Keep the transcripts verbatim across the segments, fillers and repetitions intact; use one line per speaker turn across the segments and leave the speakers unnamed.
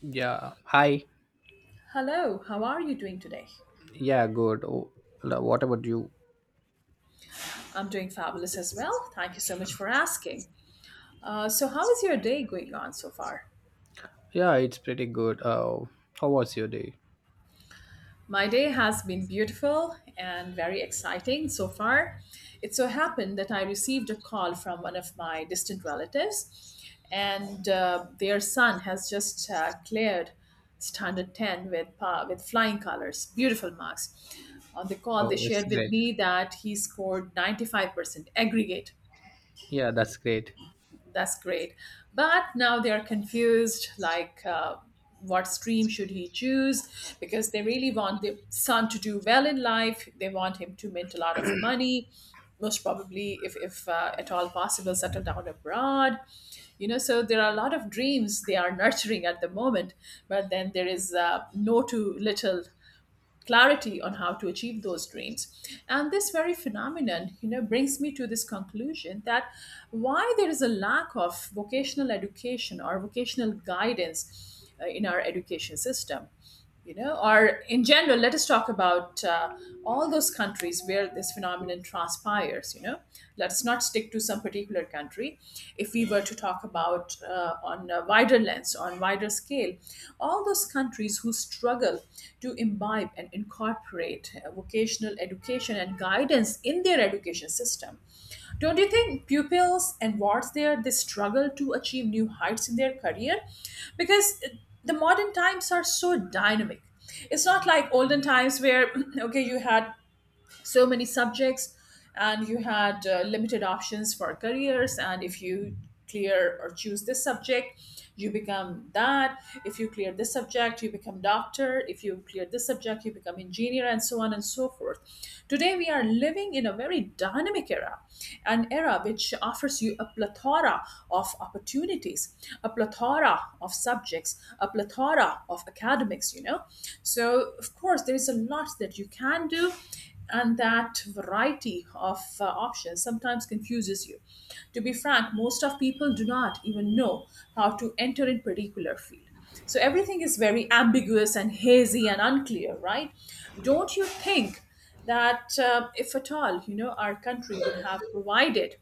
Yeah. Hi.
Hello, how are you doing today?
Yeah, good. Oh, lo- what about you?
I'm doing fabulous as well. Thank you so much for asking. Uh, so, how is your day going on so far?
Yeah, it's pretty good. Uh, how was your day?
My day has been beautiful and very exciting so far. It so happened that I received a call from one of my distant relatives, and uh, their son has just uh, cleared standard ten with, pa with flying colors, beautiful marks. On the call,
Oh,
they
it's
shared with
great.
me that he scored ninety-five percent aggregate.
Yeah, that's great.
That's great. But now they are confused, like, uh, what stream should he choose? Because they really want the son to do well in life. They want him to mint a lot of money, most probably, if, if uh, at all possible, settle down abroad. You know, so there are a lot of dreams they are nurturing at the moment, but then there is uh, no to little clarity on how to achieve those dreams, and this very phenomenon, you know, brings me to this conclusion that why there is a lack of vocational education or vocational guidance uh, in our education system, you know, or in general. Let us talk about uh, all those countries where this phenomenon transpires, you know, let us not stick to some particular country, if we were to talk about uh, on a wider lens, on wider scale. All those countries who struggle to imbibe and incorporate uh, vocational education and guidance in their education system. Don't you think pupils and wards there, they struggle to achieve new heights in their career? Because the modern times are so dynamic. It's not like olden times where okay, you had so many subjects, and you had uh, limited options for careers, and if you clear or choose this subject, you become that. If you clear this subject, you become doctor, if you clear this subject, you become engineer, and so on and so forth. Today we are living in a very dynamic era, an era which offers you a plethora of opportunities, a plethora of subjects, a plethora of academics, you know. So of course there is a lot that you can do, and that variety of uh, options sometimes confuses you. To be frank, most of people do not even know how to enter in particular field. So everything is very ambiguous and hazy and unclear, right? Don't you think that uh, if at all, you know, our country would have provided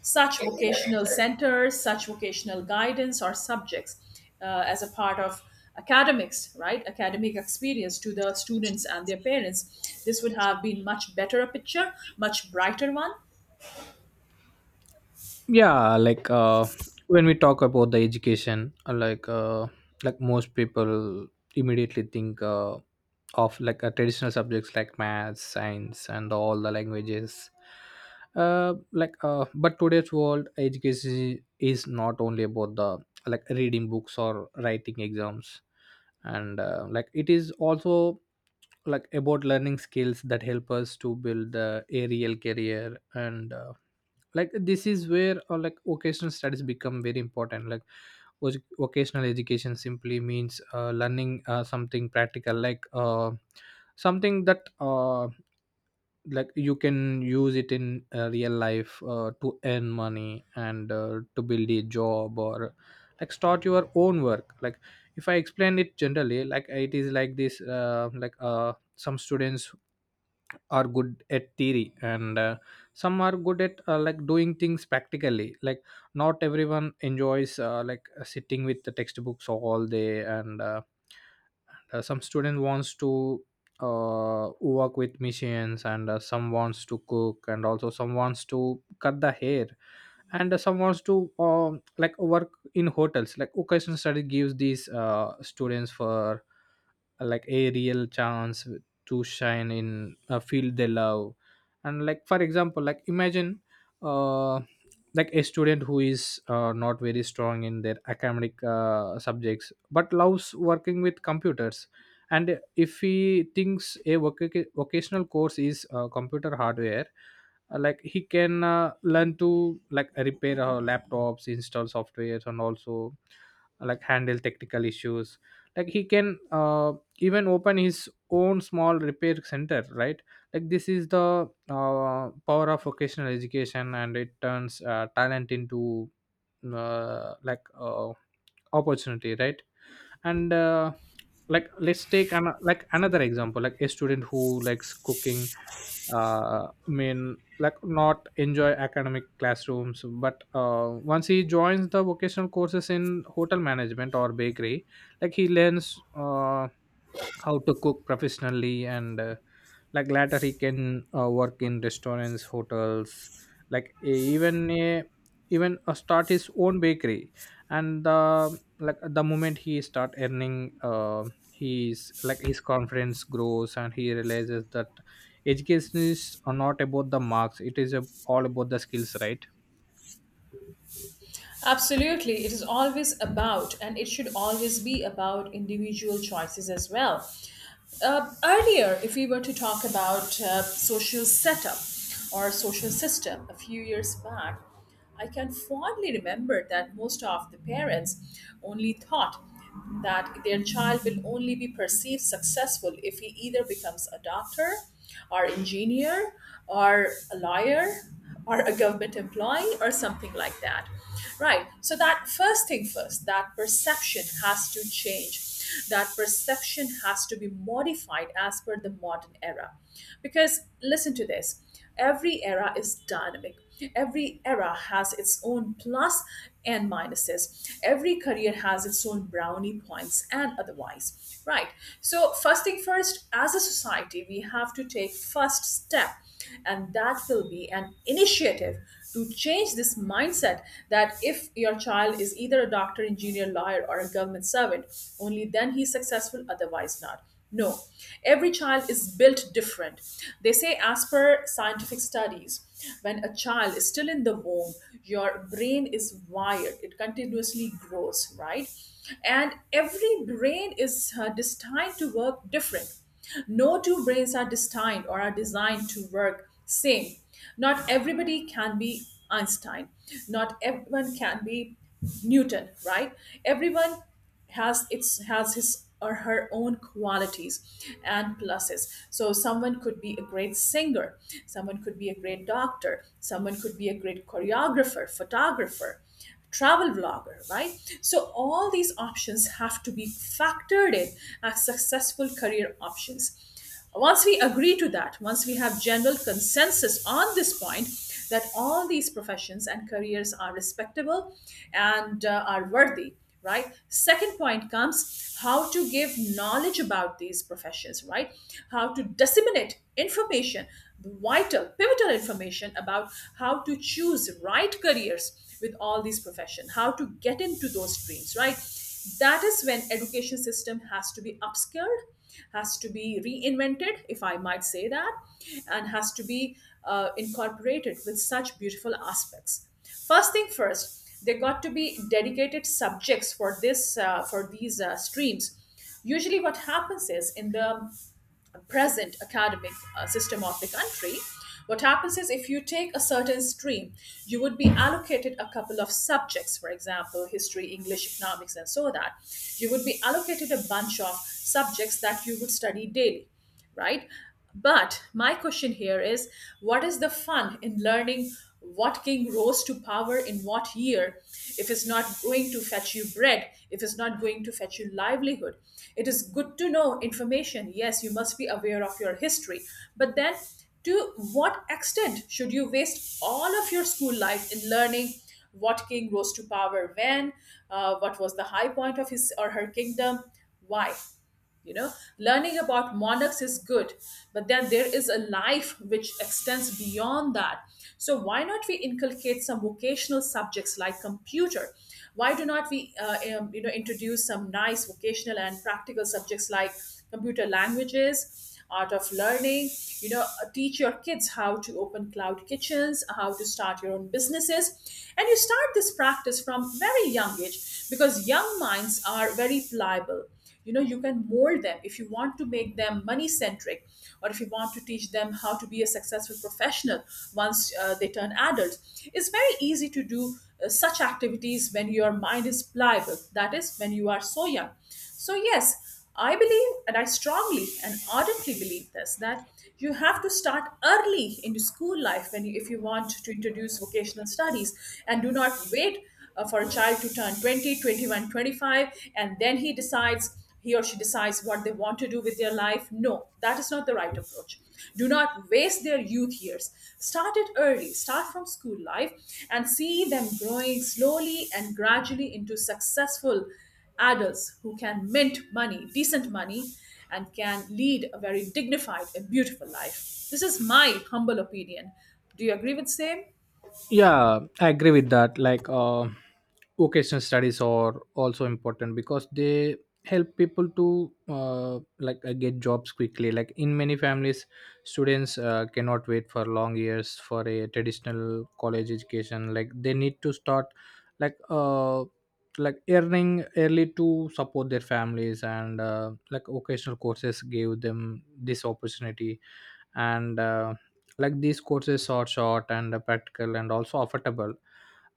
such vocational centers, such vocational guidance or subjects uh, as a part of academics, right? Academic experience to the students and their parents. This would have been much better a picture, much brighter one.
yeah like uh, when we talk about the education uh, like uh, like most people immediately think uh, of like uh, traditional subjects like math, science and all the languages uh, like uh, but today's world education is not only about the like reading books or writing exams, and uh, like it is also like about learning skills that help us to build uh, a real career, and uh, like this is where uh, like vocational studies become very important. Like voc- vocational education simply means uh, learning uh, something practical, like uh, something that uh, like you can use it in uh, real life uh, to earn money and uh, to build a job, or like start your own work. Like if I explain it generally, like it is like this uh, like uh, some students are good at theory, and uh, some are good at uh, like doing things practically. Like not everyone enjoys uh, like uh, sitting with the textbooks all day and uh, uh, some student wants to uh, work with machines, and uh, some wants to cook, and also some wants to cut the hair, and some wants to um, like work in hotels. Like vocational study gives these uh, students for uh, like a real chance to shine in a field they love. And like for example, like imagine uh, like a student who is uh, not very strong in their academic uh, subjects but loves working with computers, and if he thinks a voc- vocational course is uh, computer hardware, uh, like he can uh, learn to like repair uh, laptops, install softwares, and also uh, like handle technical issues. Like he can uh, even open his own small repair center, right? Like this is the uh, power of vocational education, and it turns uh, talent into uh, like uh, opportunity, right? And uh, like let's take an, like another example, like a student who likes cooking, uh, mean like not enjoy academic classrooms, but uh, once he joins the vocational courses in hotel management or bakery, like he learns uh, how to cook professionally, and uh, like later he can uh, work in restaurants, hotels. Like e- even uh, even uh, start his own bakery. And uh, like the moment he start earning uh, he's like his confidence grows, and he realizes that education is not about the marks, it is a, all about the skills, right?
Absolutely. It is always about, and it should always be about, individual choices as well. Uh, earlier, if we were to talk about uh, social setup or social system a few years back, I can fondly remember that most of the parents only thought that their child will only be perceived successful if he either becomes a doctor or engineer or a lawyer or a government employee or something like that. Right. So that first thing first, that perception has to change. That perception has to be modified as per the modern era. Because listen to this, every era is dynamic. Every era has its own plus and minuses. Every career has its own brownie points and otherwise. Right. So, first thing first, as a society, we have to take first step, and that will be an initiative to change this mindset that if your child is either a doctor, engineer, lawyer or a government servant, only then he's successful, otherwise not. No, every child is built different. They say, as per scientific studies, when a child is still in the womb, your brain is wired, it continuously grows, right? And every brain is uh, destined to work different. No two brains are destined or are designed to work same. Not everybody can be Einstein. Not everyone can be Newton, right? Everyone has its has his or her own qualities and pluses. So someone could be a great singer, someone could be a great doctor, someone could be a great choreographer, photographer, travel vlogger, right? So all these options have to be factored in as successful career options. Once we agree to that, once we have general consensus on this point that all these professions and careers are respectable and uh, are worthy, right? Second point comes, how to give knowledge about these professions, right? How to disseminate information, vital, pivotal information about how to choose right careers with all these profession, how to get into those streams, right? That is when education system has to be upskilled, has to be reinvented, if I might say that, and has to be uh, incorporated with such beautiful aspects. First thing first, there got to be dedicated subjects for this, uh, for these uh, streams. Usually what happens is, in the present academic uh, system of the country, what happens is, if you take a certain stream, you would be allocated a couple of subjects, for example history, english, economics, and so that you would be allocated a bunch of subjects that you would study daily, right? But my question here is, what is the fun in learning what king rose to power in what year, if it's not going to fetch you bread, if it's not going to fetch you livelihood? It is good to know information. Yes, you must be aware of your history. But then, to what extent should you waste all of your school life in learning what king rose to power when? Uh, what was the high point of his or her kingdom? Why? You know, learning about monarchs is good, but then there is a life which extends beyond that. So why not we inculcate some vocational subjects like computer? Why do not we uh, um, you know, introduce some nice vocational and practical subjects like computer languages, art of learning, you know? Uh, teach your kids how to open cloud kitchens, how to start your own businesses, and you start this practice from very young age, because young minds are very pliable, you know. You can mold them, if you want to make them money centric, or if you want to teach them how to be a successful professional. Once uh, they turn adults, it's very easy to do uh, such activities. When your mind is pliable, that is when you are so young, so yes, I believe, and I strongly and ardently believe this, that you have to start early into school life when you, if you want to introduce vocational studies, and do not wait uh, for a child to turn twenty, twenty-one, twenty-five, and then he decides, he or she decides what they want to do with their life. No, that is not the right approach. Do not waste their youth years. Start it early, start from school life, and see them growing slowly and gradually into successful adults who can mint money, decent money, and can lead a very dignified and beautiful life. This is my humble opinion. Do you agree with same?
Yeah, I agree with that. Like uh, vocational studies are also important because they help people to uh, like uh, get jobs quickly. Like in many families, students uh, cannot wait for long years for a traditional college education. Like they need to start like uh like earning early to support their families, and uh, like vocational courses gave them this opportunity. And uh, like these courses are short and uh, practical and also affordable.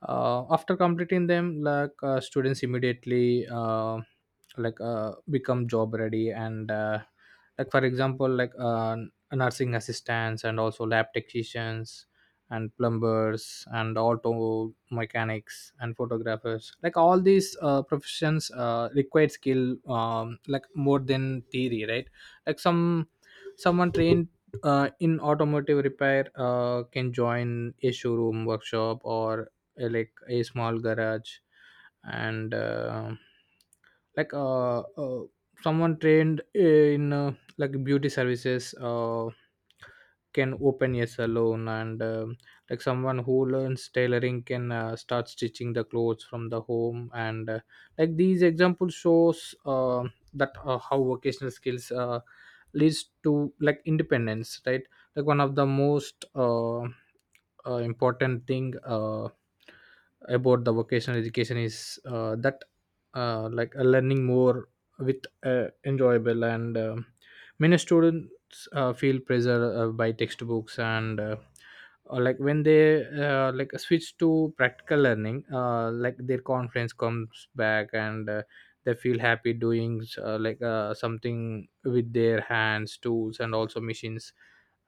uh, After completing them, like uh, students immediately uh, like uh, become job ready. And uh, like for example, like uh, nursing assistants and also lab technicians and plumbers and auto mechanics and photographers, like all these uh, professions uh, require skill, um, like more than theory, right? like some someone trained uh, in automotive repair uh, can join a showroom, workshop, or uh, like a small garage. And uh, like uh, uh, someone trained in uh, like beauty services uh, can open a salon. And um like someone who learns tailoring can uh, start stitching the clothes from the home. And uh, like these examples shows uh, that uh, how vocational skills uh, leads to like independence, right? Like one of the most uh, uh, important thing uh, about the vocational education is uh, that uh, like uh, learning more with uh, enjoyable. And um many students uh, feel pressure uh, by textbooks, and uh, uh, like when they uh, like switch to practical learning, uh, like their confidence comes back. And uh, they feel happy doing uh, like uh, something with their hands, tools, and also machines.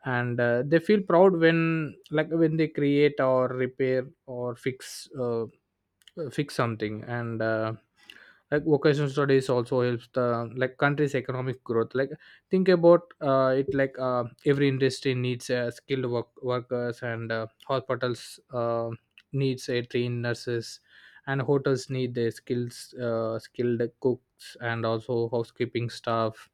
And uh, they feel proud when like when they create or repair or fix uh, uh, fix something. And uh, like vocational studies also helps the like country's economic growth. Like think about uh, it. Like uh, every industry needs uh, skilled work, workers. And uh, hospitals uh, needs a trained nurses, and hotels need their skills, uh, skilled cooks and also housekeeping staff.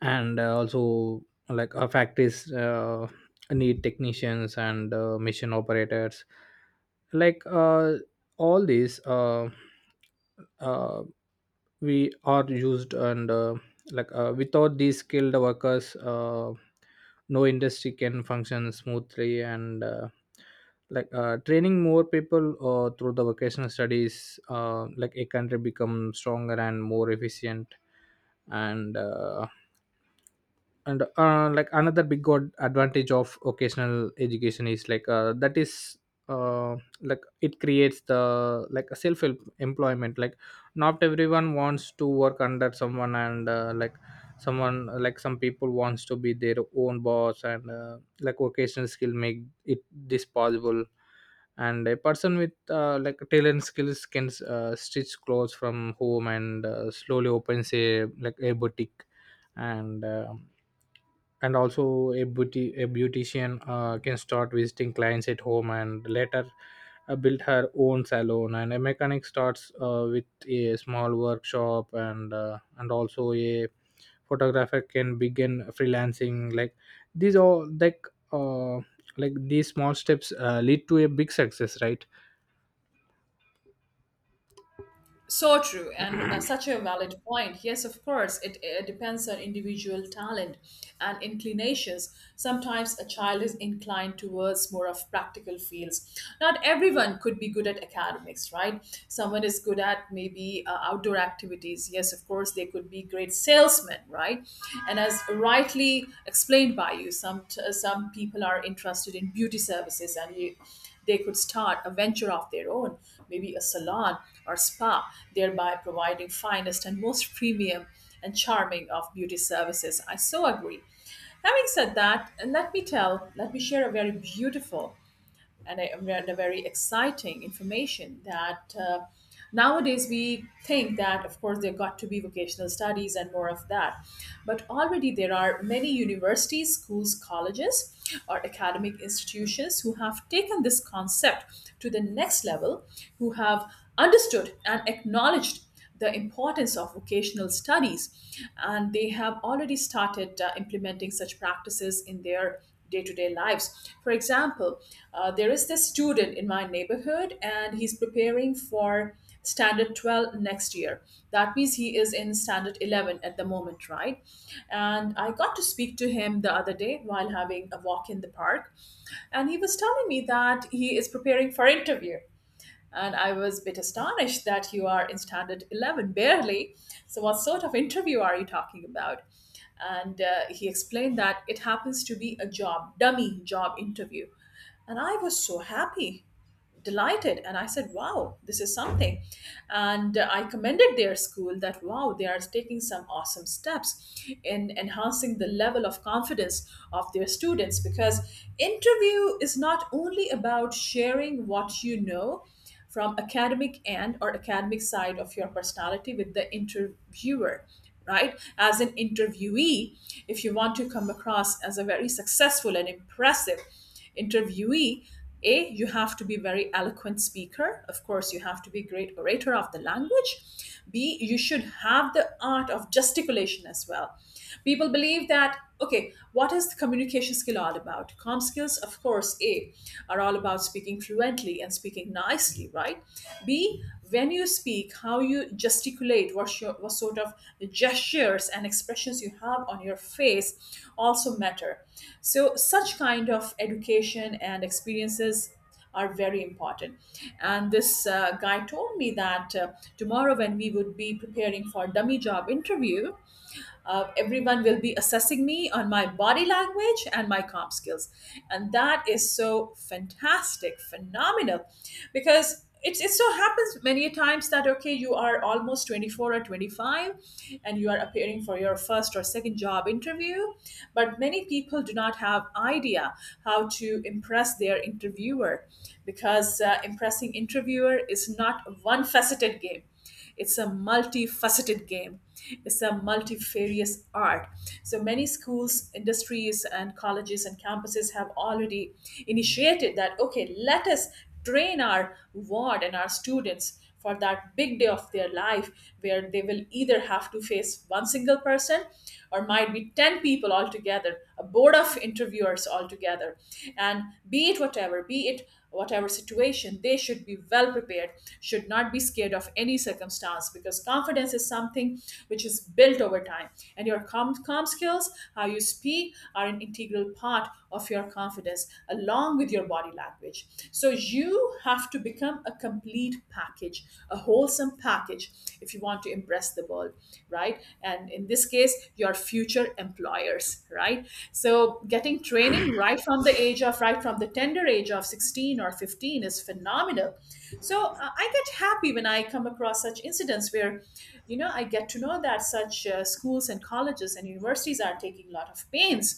And uh, also like our factories uh, need technicians and uh, machine operators. Like uh, all these uh, uh, we are used. And uh, like uh, without these skilled workers, uh, no industry can function smoothly. And uh, like uh, training more people uh, through the vocational studies, uh, like a country become stronger and more efficient. And uh, and uh, like another big god advantage of occasional education is like uh, that is uh, like it creates the like a self employment. Like not everyone wants to work under someone, and uh, like someone like some people wants to be their own boss, and uh, like vocational skill make it this possible. And a person with uh, like talent skills can uh, stitch clothes from home, and uh, slowly opens a like a boutique. And uh, and also a beauty a beautician uh, can start visiting clients at home, and later uh, build her own salon. And a mechanic starts uh, with a small workshop. And uh, and also a photographer can begin freelancing. Like these all like uh, like these small steps uh, lead to a big success, right?
So true, and uh, such a valid point. Yes, of course, it, uh depends on individual talent and inclinations. Sometimes a child is inclined towards more of practical fields. Not everyone could be good at academics, right? Someone is good at maybe uh, outdoor activities. Yes, of course, they could be great salesmen, right? And as rightly explained by you, some some people are interested in beauty services, and you they could start a venture of their own, maybe a salon or spa, thereby providing finest and most premium and charming of beauty services. I so agree. Having said that, let me tell, let me share a very beautiful, and I read a very exciting information, that uh, nowadays we think that, of course, there got to be vocational studies and more of that. But already there are many universities, schools, colleges, or academic institutions who have taken this concept to the next level, who have understood and acknowledged the importance of vocational studies, and they have already started uh, implementing such practices in their day to day lives. For example, uh, there is this student in my neighborhood, and he's preparing for standard twelve next year. That means he is in standard eleven at the moment, right? And I got to speak to him the other day while having a walk in the park, and he was telling me that he is preparing for interview, and I was a bit astonished that you are in standard eleven, barely. So, what sort of interview are you talking about? And uh, he explained that it happens to be a job, dummy job interview. And I was so happy, delighted, and I said, wow, this is something. And uh, I commended their school that wow, they are taking some awesome steps in enhancing the level of confidence of their students, because interview is not only about sharing what you know from academic and or academic side of your personality with the interviewer, right? As an interviewee, if you want to come across as a very successful and impressive interviewee, A, you have to be a very eloquent speaker, of course you have to be a great orator of the language. B, you should have the art of gesticulation as well. People believe that okay, what is the communication skill all about? Com skills, of course, A, are all about speaking fluently and speaking nicely, right? B, when you speak, how you gesticulate, what, your, what sort of gestures and expressions you have on your face, also matter. So such kind of education and experiences are very important. And this uh, guy told me that uh, tomorrow when we would be preparing for dummy job interview, uh, everyone will be assessing me on my body language and my comp skills. And that is so fantastic, phenomenal, because it, it so happens many a times that, okay, you are almost twenty-four or twenty-five and you are appearing for your first or second job interview, but many people do not have idea how to impress their interviewer. Because uh, impressing interviewer is not one faceted game, it's a multifaceted game. It's a multifarious art. So many schools, industries, and colleges and campuses have already initiated that. Okay, let us train our ward and our students for that big day of their life, where they will either have to face one single person or might be ten people altogether, a board of interviewers altogether. And be it whatever be it whatever situation, they should be well prepared, should not be scared of any circumstance, because confidence is something which is built over time. And your com comm skills, how you speak, are an integral part of your confidence along with your body language. So you have to become a complete package, a wholesome package, if you want to impress the world, right? And in this case, your future employers, right? So getting training right right from the age of right from the tender age of sixteen or fifteen is phenomenal. So uh, I get happy when I come across such incidents where you know I get to know that such uh, schools and colleges and universities are taking a lot of pains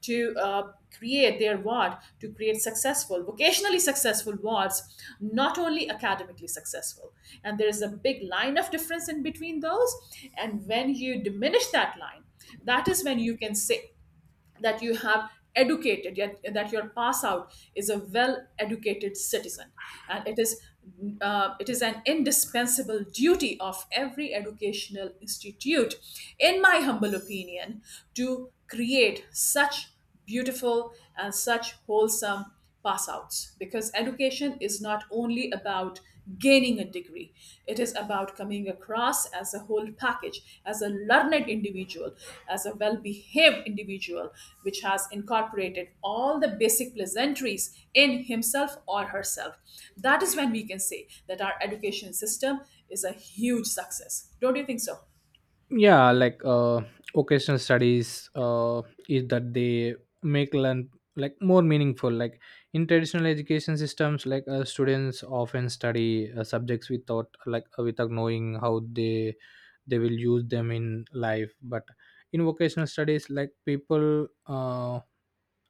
to uh, create their ward, to create successful, vocationally successful wards, not only academically successful. And there is a big line of difference in between those, and when you diminish that line, that is when you can say that you have educated, yet that your pass out is a well educated citizen. And it is uh, it is an indispensable duty of every educational institute, in my humble opinion, to create such beautiful and such wholesome pass outs, because education is not only about gaining a degree, it is about coming across as a whole package, as a learned individual, as a well behaved individual, which has incorporated all the basic pleasantries in himself or herself. That is when we can say that our education system is a huge success. Don't you think so?
Yeah like uh occasional studies uh is that they make learn like more meaningful. Like in traditional education systems, like uh, students often study uh, subjects without like uh, without knowing how they they will use them in life. But in vocational studies, like people um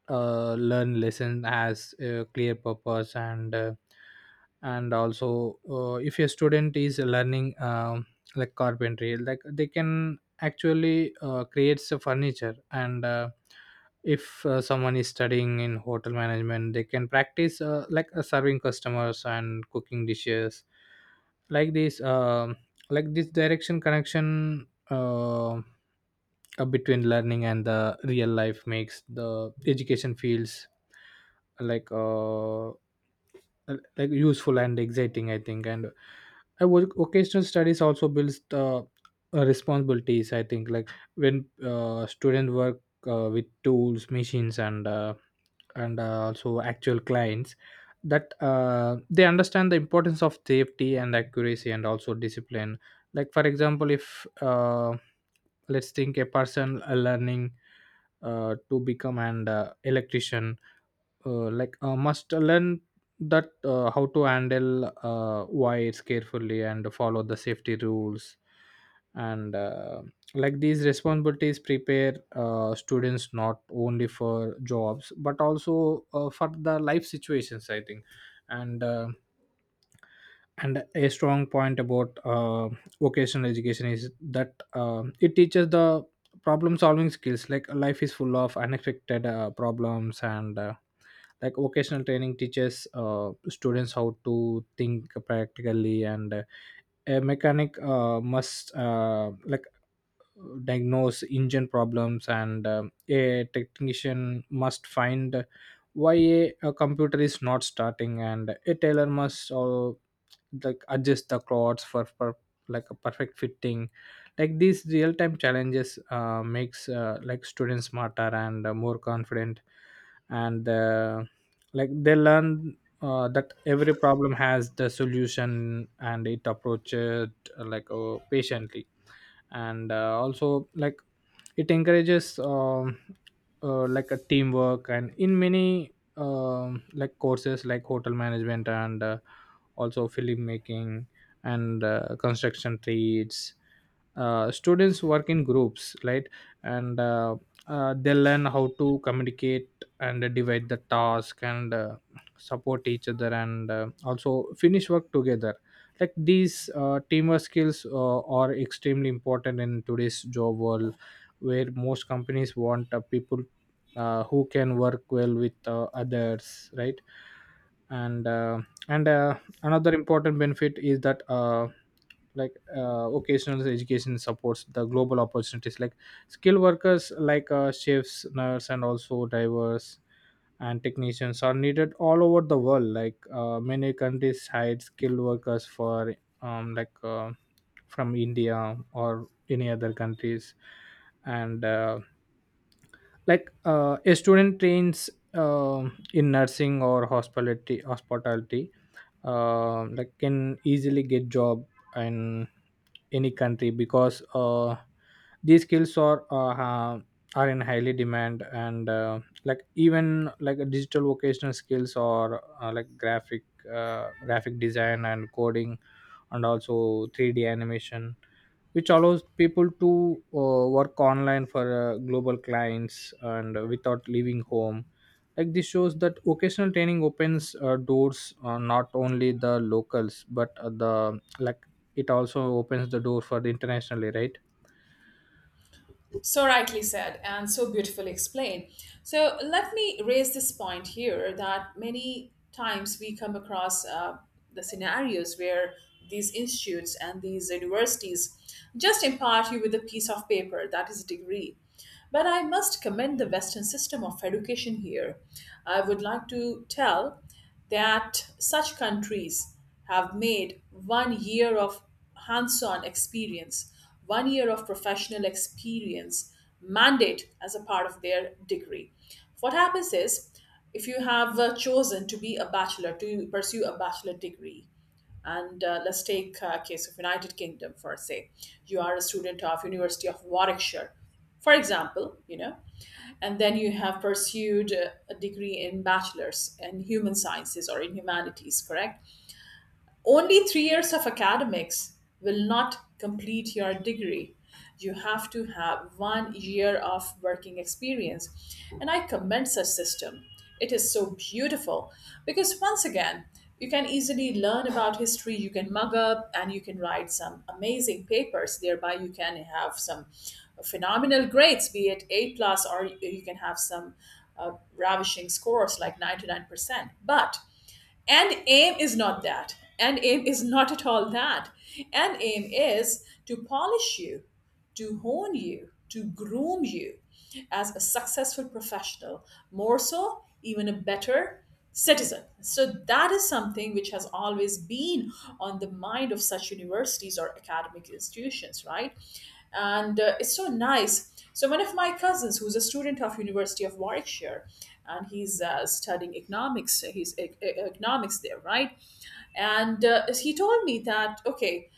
uh, learn lesson as a clear purpose. And uh, and also uh, if a student is learning um, like carpentry, like they can actually uh, creates a furniture. And uh, if uh, someone is studying in hotel management, they can practice uh, like uh, serving customers and cooking dishes. Like this um like this direction connection uh, uh, between learning and the real life makes the education feels like uh, like useful and exciting, I think. And I was occasional studies also builds the uh, responsibilities, I think. Like when uh, students work uh, with tools, machines, and uh, and uh, also actual clients, that uh, they understand the importance of safety and accuracy and also discipline. Like for example, if uh, let's think a person uh, learning uh, to become an uh, electrician uh, like uh, must learn that uh, how to handle uh, wires carefully and follow the safety rules. And uh, like these responsibilities prepare uh, students not only for jobs but also uh, for the life situations, I think. And uh, and a strong point about uh, vocational education is that um it teaches the problem solving skills. Like life is full of unexpected uh, problems. And uh, like vocational training teaches uh, students how to think practically. And uh, a mechanic uh, must uh, like diagnose engine problems. And um, a technician must find why a, a computer is not starting. And a tailor must uh, like adjust the clothes for, for like a perfect fitting. Like these real-time challenges uh, makes uh, like students smarter and uh, more confident. And uh, like they learn uh, that every problem has the solution, and it approaches uh, like uh, patiently. And uh, also like it encourages um, uh, like a teamwork. And in many um, like courses like hotel management, and uh, also filmmaking, and uh, construction trades, uh, students work in groups, right? And uh, uh, they learn how to communicate and divide the task, and uh, support each other, and uh, also finish work together. Like these uh, teamwork skills uh, are extremely important in today's job world, where most companies want uh, people uh, who can work well with uh, others, right? And uh, and uh, another important benefit is that uh, like uh, occasional education supports the global opportunities. Like skilled workers like uh, chefs, nurse, and also drivers and technicians are needed all over the world. Like uh, many countries hire skilled workers for um, like uh, from India or any other countries. And uh, like uh, a student trains um in nursing or hospitality hospitality um like can easily get job in any country because uh, these skills are uh, ha- are in highly demand. And uh, like even like a digital vocational skills, or uh, like graphic uh, graphic design and coding, and also three D animation, which allows people to uh, work online for uh, global clients and uh, without leaving home. Like this shows that vocational training opens uh, doors uh, not only the locals but uh, the like it also opens the door for the internationally, right?
So rightly said, and so beautifully explained. So let me raise this point here that many times we come across uh, the scenarios where these institutes and these universities just impart you with a piece of paper, that is a degree. But I must commend the Western system of education here. I would like to tell that such countries have made one year of hands on experience, one year of professional experience mandate as a part of their degree. What happens is, if you have uh, chosen to be a bachelor, to pursue a bachelor degree, and uh, let's take a case of United Kingdom, for say you are a student of University of Warwickshire, for example, you know and then you have pursued uh, a degree in bachelor's in human sciences or in humanities, correct? Only three years of academics will not complete your degree. You have to have one year of working experience. And I commend such system. It is so beautiful, because once again, you can easily learn about history, you can mug up and you can write some amazing papers. Thereby you can have some phenomenal grades, be it A plus, or you can have some uh, ravishing scores like ninety-nine percent. But, and aim is not that. And aim is not at all that. And aim is to polish you, to hone you, to groom you as a successful professional, more so, even a better citizen. So that is something which has always been on the mind of such universities or academic institutions, right? And uh, it's so nice. So one of my cousins, who's a student of University of Warwickshire, and he's uh, studying economics, he's e- e- economics there, right? And uh, he told me that okay,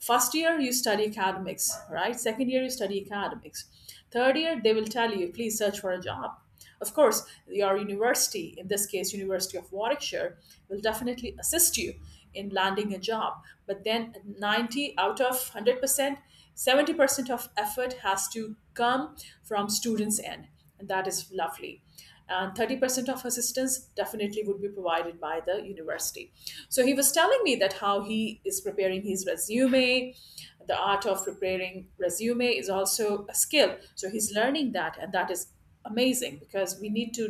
first year you study academics, right? Second year you study academics, third year they will tell you please search for a job. Of course, your university, in this case University of Warwickshire, will definitely assist you in landing a job, but then ninety out of one hundred percent, seventy percent of effort has to come from students end. And that is lovely, and thirty percent of assistance definitely would be provided by the university. So he was telling me that how he is preparing his resume. The art of preparing resume is also a skill, so he's learning that, and that is amazing because we need to